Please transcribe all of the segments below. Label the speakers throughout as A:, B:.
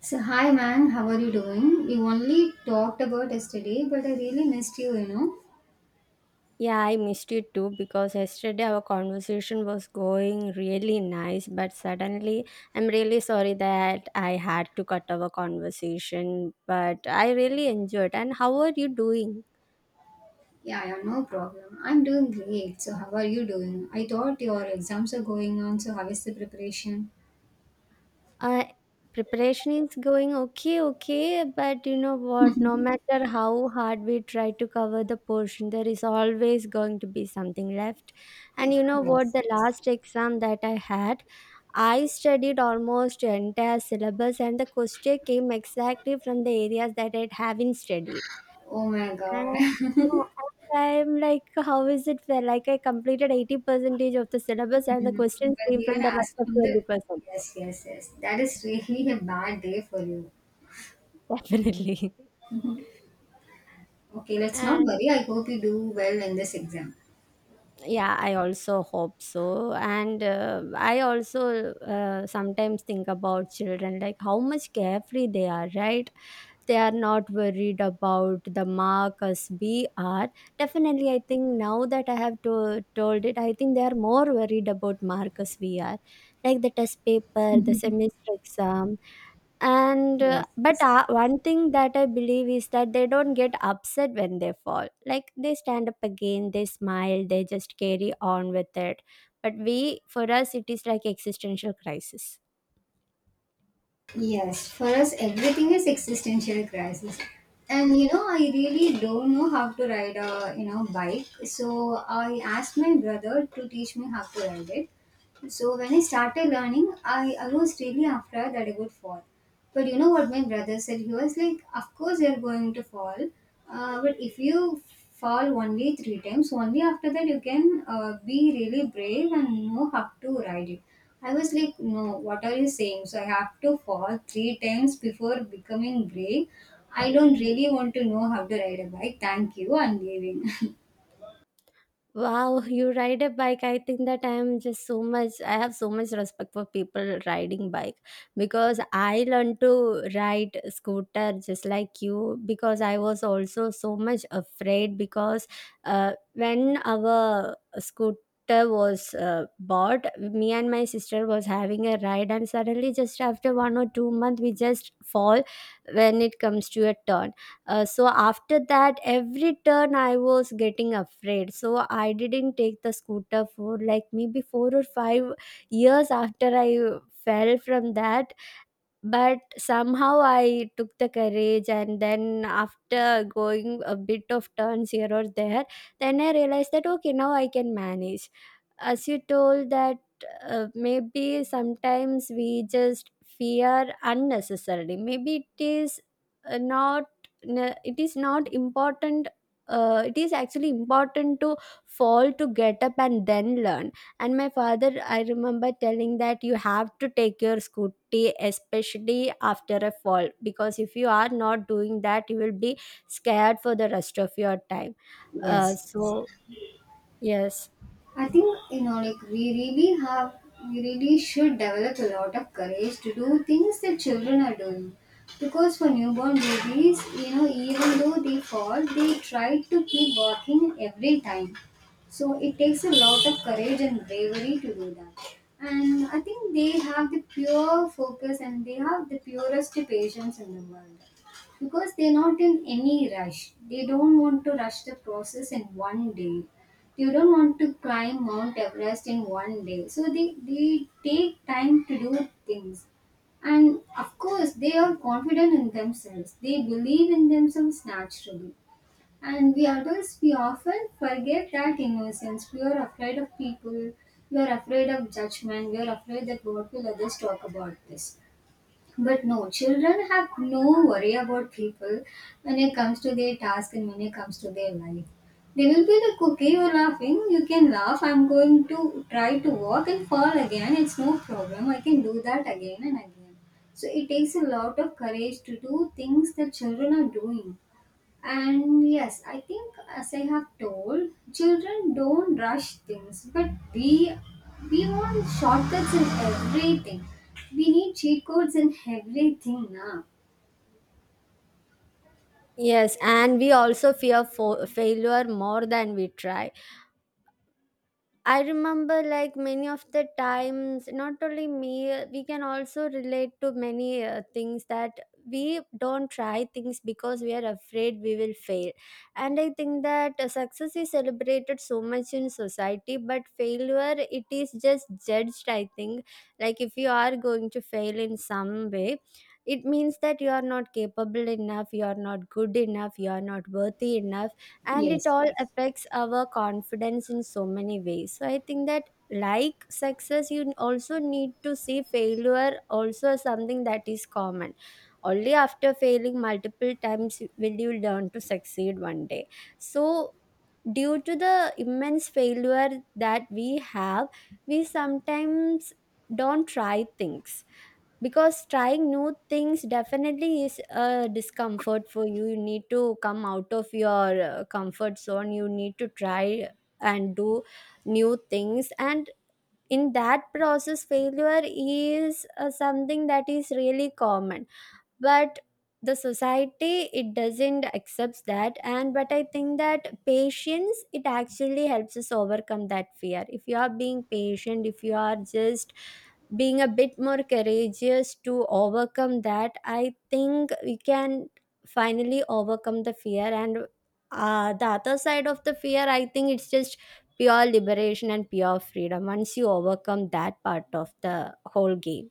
A: So, hi man, how are you doing? You only talked about yesterday, but I really missed you, you know?
B: Yeah, I missed it too because yesterday our conversation was going really nice, but suddenly I'm really sorry that I had to cut our conversation, but I really enjoyed. And how are you doing?
A: Yeah, yeah, no problem. I'm doing great. So, how are you doing? I thought your exams are going on, so how is the preparation?
B: Uh, preparation is going okay, but you know what? No matter how hard we try to cover the portion, there is always going to be something left. And you know what?
A: Yes.
B: The last exam that I had, I studied almost entire syllabus and the question came exactly from the areas that I haven't studied.
A: Oh my
B: And,
A: god.
B: yeah, and I'm like, how is it fair? Like I completed 80 percentage of the syllabus and the
A: Mm,
B: questions
A: but
B: came
A: they are
B: from the rest of
A: asking the.
B: 20%.
A: Yes, yes, yes. That is really a bad day for you.
B: Definitely.
A: Okay, let's not
B: And
A: worry. I hope you do well in this exam.
B: yeah, I also hope so. And I also sometimes think about children, like how much carefree they are, right? They are not worried about the mark as we are. Definitely, I think now that I have to, told it, I think they are more worried about mark as we are, like the test paper, the semester exam. And but
A: Yes.
B: one thing that I believe is that they don't get upset when they fall. Like, they stand up again, they smile, they just carry on with it. But we, for us it is like existential crisis.
A: Yes, for us, everything is existential crisis. And you know, I really don't know how to ride a bike, so I asked my brother to teach me how to ride it. So when I started learning, I was really afraid that I would fall. But you know what my brother said? He was like, of course, you're going to fall. But if you fall only three times, only after that you can be really brave and know how to ride it. I was like, no, what are you saying? So I have to fall three times before becoming brave. I don't really want to know how to ride a bike. Thank you. I'm leaving.
B: Wow, you ride a bike. I think that I am just so much, I have so much respect for people riding bike, because I learned to ride scooter just like you because I was also so much afraid because when our scooter was bought, me and my sister was having a ride and suddenly just after 1 or 2 months we just fall when it comes to a turn. So after that, every turn I was getting afraid. So I didn't take the scooter for like maybe 4 or 5 years after I fell from that, but somehow I took the courage, and then after going a bit of turns here or there, then I realized that okay, now I can manage. As you told, that maybe sometimes we just fear unnecessarily. Maybe it is not, it is not important. It is actually important to fall, to get up and then learn. And my father, I remember telling that you have to take your scooty, especially after a fall, because if you are not doing that, you will be scared for the rest of your time. Uh,
A: Yes.
B: so, yes.
A: I think we really have, we really should develop a lot of courage to do things that children are doing, because for newborn babies, you know, even though they fall, they try to keep walking every time. So it takes a lot of courage and bravery to do that. And I think they have the pure focus and they have the purest patience in the world because they're not in any rush. They don't want to rush the process in one day. You don't want to climb Mount Everest in one day. So they take time to do things. And of course, they are confident in themselves. They believe in themselves naturally. And we adults, we often forget that innocence. We are afraid of people. We are afraid of judgment. We are afraid that what will others talk about this. But no, children have no worry about people when it comes to their task and when it comes to their life. They will be like, okay, you're laughing, you can laugh. I'm going to try to walk and fall again. It's no problem. I can do that again and again. So it takes a lot of courage to do things that children are doing. And yes, I think as I have told, children don't rush things, but we want shortcuts in everything. We need cheat codes in everything now.
B: Yes, and we also fear failure more than we try. I remember like many of the times, not only me, we can also relate to many things that we don't try things because we are afraid we will fail. And I think that success is celebrated so much in society, but failure, it is just judged, I think. Like if you are going to fail in some way, it means that you are not capable enough, you are not good enough, you are not worthy enough, and it
A: Yes,
B: all
A: yes.
B: affects our confidence in so many ways. So I think that, like success, you also need to see failure also as something that is common. Only after failing multiple times will you learn to succeed one day. So due to the immense failure that we have, we sometimes don't try things, because trying new things definitely is a discomfort for you. You need to come out of your comfort zone, you need to try and do new things. And in that process failure is something that is really common, but the society, it doesn't accept that. And but I think that patience, it actually helps us overcome that fear. If you are being patient, if you are just being a bit more courageous to overcome that, I think we can finally overcome the fear. And the other side of the fear, I think it's just pure liberation and pure freedom once you overcome that part of the whole game.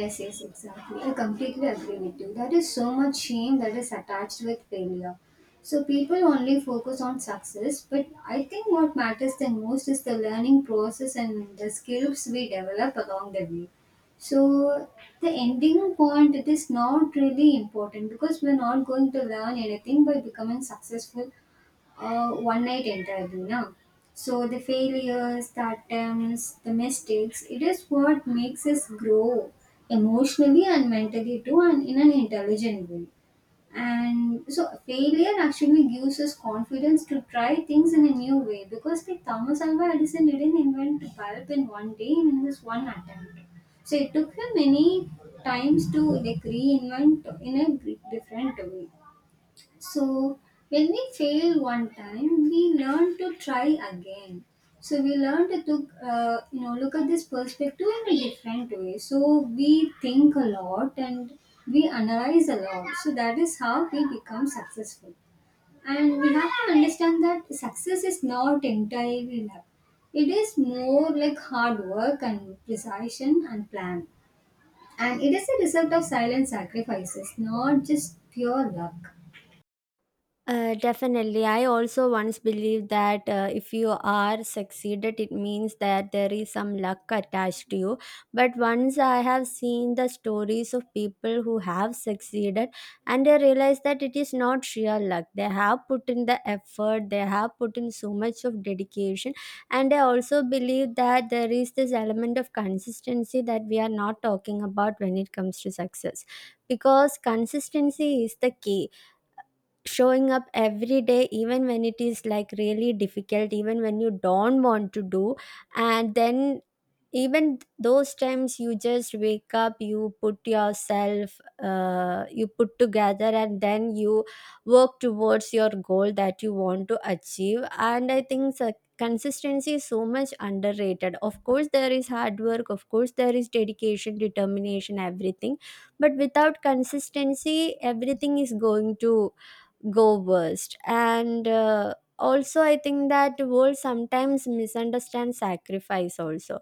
A: Yes, yes, exactly. I completely agree with you. There is so much shame that is attached with failure. So people only focus on success, but I think what matters the most is the learning process and the skills we develop along the way. So the ending point it is not really important because we're not going to learn anything by becoming successful one night entirely now. So the failures, the attempts, the mistakes, it is what makes us grow emotionally and mentally too and in an intelligent way. And so failure actually gives us confidence to try things in a new way because like Thomas Alva Edison didn't invent the bulb in one day and in this one attempt. So it took him many times to like reinvent in a different way. So when we fail one time, we learn to try again. So we learn to look, look at this perspective in a different way. So we think a lot and we analyze a lot. So that is how we become successful. And we have to understand that success is not entirely luck. It is more like hard work and precision and plan. And it is a result of silent sacrifices, not just pure luck.
B: Definitely. I also once believed that if you are succeeded, it means that there is some luck attached to you. But once I have seen the stories of people who have succeeded, and I realized that it is not sheer luck. They have put in the effort, they have put in so much of dedication. And I also believe that there is this element of consistency that we are not talking about when it comes to success. Because consistency is the key, showing up every day even when it is like really difficult, even when you don't want to do. And then even those times you just wake up, you put yourself you put together and then you work towards your goal that you want to achieve. And I think so consistency is so much underrated. Of course there is hard work, of course there is dedication, determination, everything, but without consistency everything is going to go worst. And also, I think that world sometimes misunderstands sacrifice also.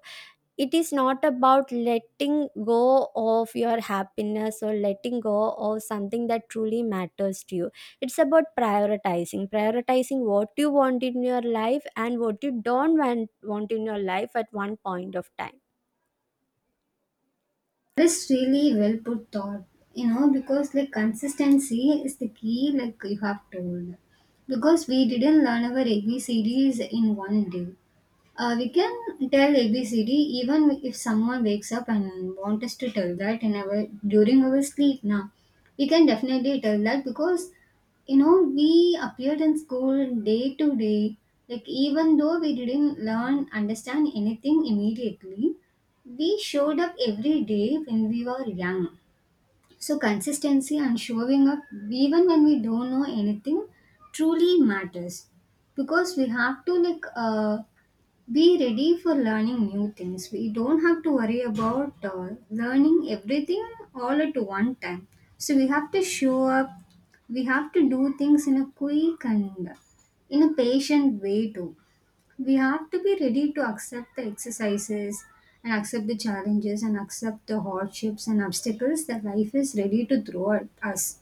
B: It is not about letting go of your happiness or letting go of something that truly matters to you. It's about prioritizing what you want in your life and what you don't want in your life at one point of time.
A: That's really well put thought, you know, because like consistency is the key, like you have told. Because we didn't learn our ABCDs in one day. We can tell ABCD even if someone wakes up and wants us to tell that in our during our sleep now. We can definitely tell that because you know we appeared in school day to day. Like even though we didn't learn understand anything immediately, we showed up every day when we were young. So consistency and showing up even when we don't know anything truly matters because we have to like be ready for learning new things. We don't have to worry about learning everything all at one time. So we have to show up. We have to do things in a quick and in a patient way too. We have to be ready to accept the exercises and accept the challenges and accept the hardships and obstacles that life is ready to throw at us.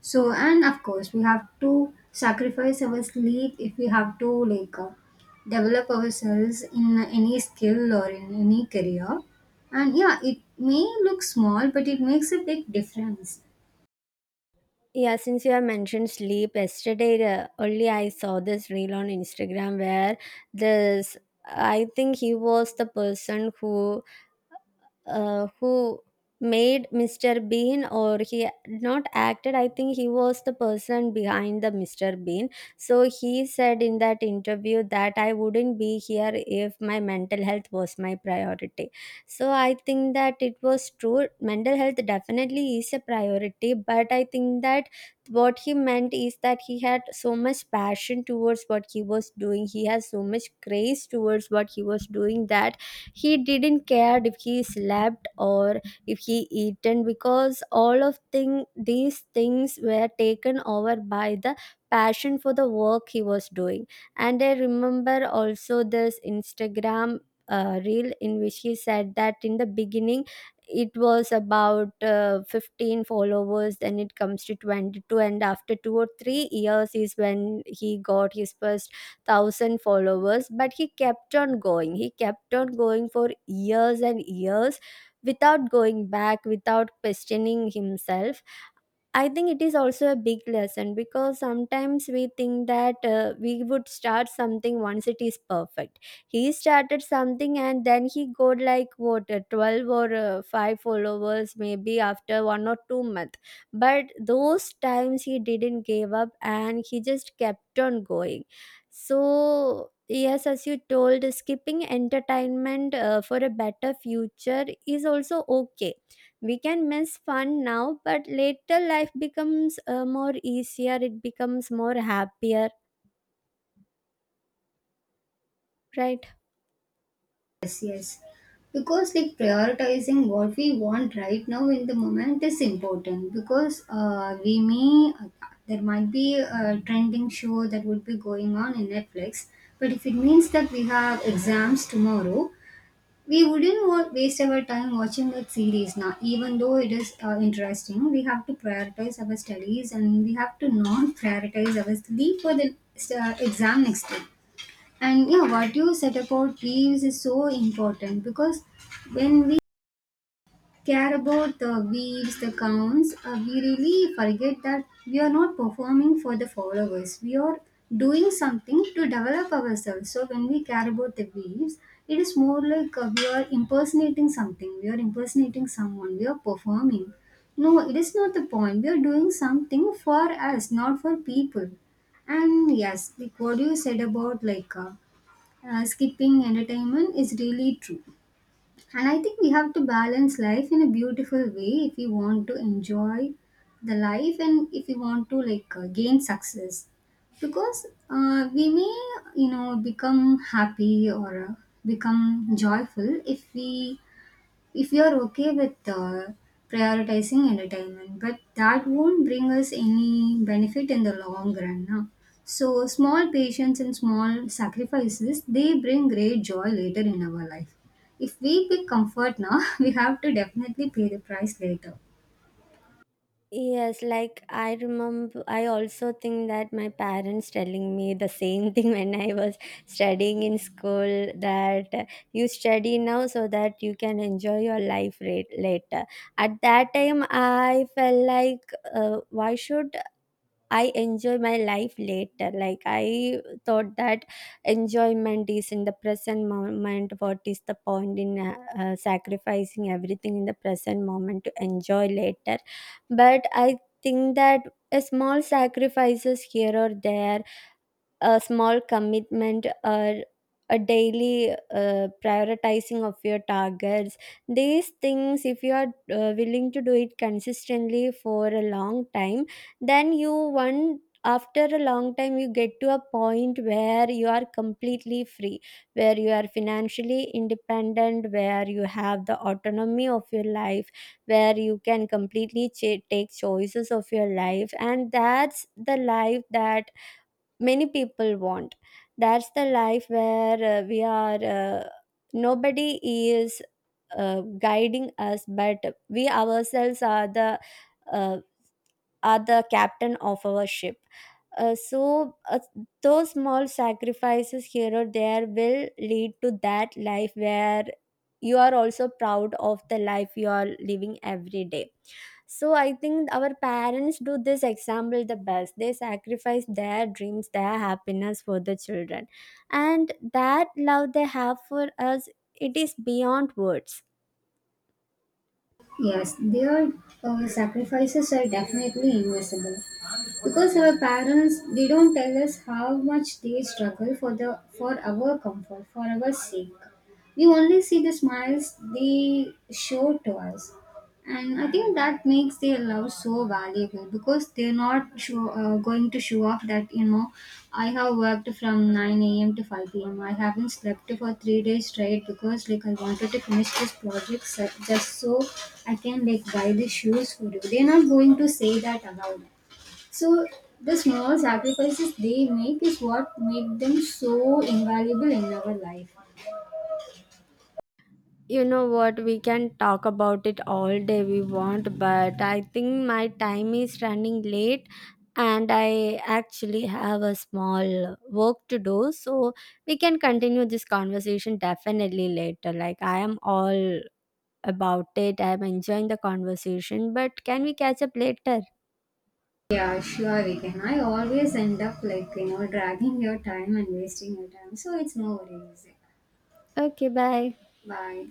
A: So, and of course, we have to sacrifice our sleep if we have to like develop ourselves in any skill or in any career. And yeah, it may look small, but it makes a big difference.
B: Yeah, since you have mentioned sleep, yesterday only I saw this reel on Instagram where this, I think he was the person who uh, who made Mr. Bean, or he not acted, I think he was the person behind the Mr. Bean. So he said in that interview that I wouldn't be here if my mental health was my priority. So I think that it was true, mental health definitely is a priority, but I think that what he meant is that he had so much passion towards what he was doing, he has so much grace towards what he was doing, that he didn't care if he slept or if he eaten, because all of thing, these things were taken over by the passion for the work he was doing. And I remember also this Instagram reel in which he said that in the beginning it was about 15 followers, then it comes to 22, and after 2 or 3 years is when he got his first 1,000 followers. But he kept on going, he kept on going for years and years without going back, without questioning himself. I think it is also a big lesson because sometimes we think that we would start something once it is perfect. He started something and then he got like what, 12 or 5 followers maybe after 1 or 2 months. But those times he didn't give up and he just kept on going. So yes, as you told, skipping entertainment for a better future is also okay. We can miss fun now, but later life becomes more easier, it becomes more happier, right?
A: Yes, yes. Because like prioritizing what we want right now in the moment is important because there might be a trending show that would be going on in Netflix, but if it means that we have exams tomorrow, we wouldn't waste our time watching that series now even though it is interesting. We have to prioritize our studies and we have to not prioritize our sleep for the exam next day. And yeah, what you said about leaves is so important because when we care about the beats, the counts, we really forget that we are not performing for the followers. We are doing something to develop ourselves. So when we care about the beats, it is more like we are impersonating something. We are impersonating someone. We are performing. No, it is not the point. We are doing something for us, not for people. And yes, like what you said about like skipping entertainment is really true. And I think we have to balance life in a beautiful way if we want to enjoy the life and if we want to like gain success. Because we may, you know, become happy or become joyful if we if you are okay with prioritizing entertainment, but that won't bring us any benefit in the long run. Now. So, small patience and small sacrifices they bring great joy later in our life. If we pick comfort now, we have to definitely pay the price later.
B: Yes, like I remember, I also think that my parents telling me the same thing when I was studying in school that you study now so that you can enjoy your life rate later. At that time I felt like why should I enjoy my life later? Like I thought that enjoyment is in the present moment. What is the point in sacrificing everything in the present moment to enjoy later? But I think that a small sacrifices here or there, a small commitment, or a daily prioritizing of your targets, these things if you are willing to do it consistently for a long time, then you, one after a long time, you get to a point where you are completely free, where you are financially independent, where you have the autonomy of your life, where you can completely take choices of your life, and that's the life that many people want. That's the life where we are, nobody is guiding us, but we ourselves are the uh, captain of our ship. So those small sacrifices here or there will lead to that life where you are also proud of the life you are living every day. So I think our parents do this example the best. They sacrifice their dreams, their happiness for the children. And that love they have for us, it is beyond words.
A: Yes, their sacrifices are definitely invisible because our parents they don't tell us how much they struggle for the for our comfort, for our sake. We only see the smiles they show to us, and I think that makes their love so valuable because they're not going to show off that, you know, I have worked from 9 a.m. to 5 p.m. I haven't slept for 3 days straight because, like, I wanted to finish this just so I can, like, buy the shoes for you. They're not going to say that aloud. So, the small sacrifices they make is what make them so invaluable in our life.
B: You know what, we can talk about it all day we want, but I think my time is running late and I actually have a small work to do. So we can continue this conversation definitely later. Like I am all about it. I'm enjoying the conversation, but can we catch up later?
A: Yeah, sure we can. I always end up like, you know, dragging your time and wasting your time. So it's no worries.
B: Okay, bye.
A: Bye.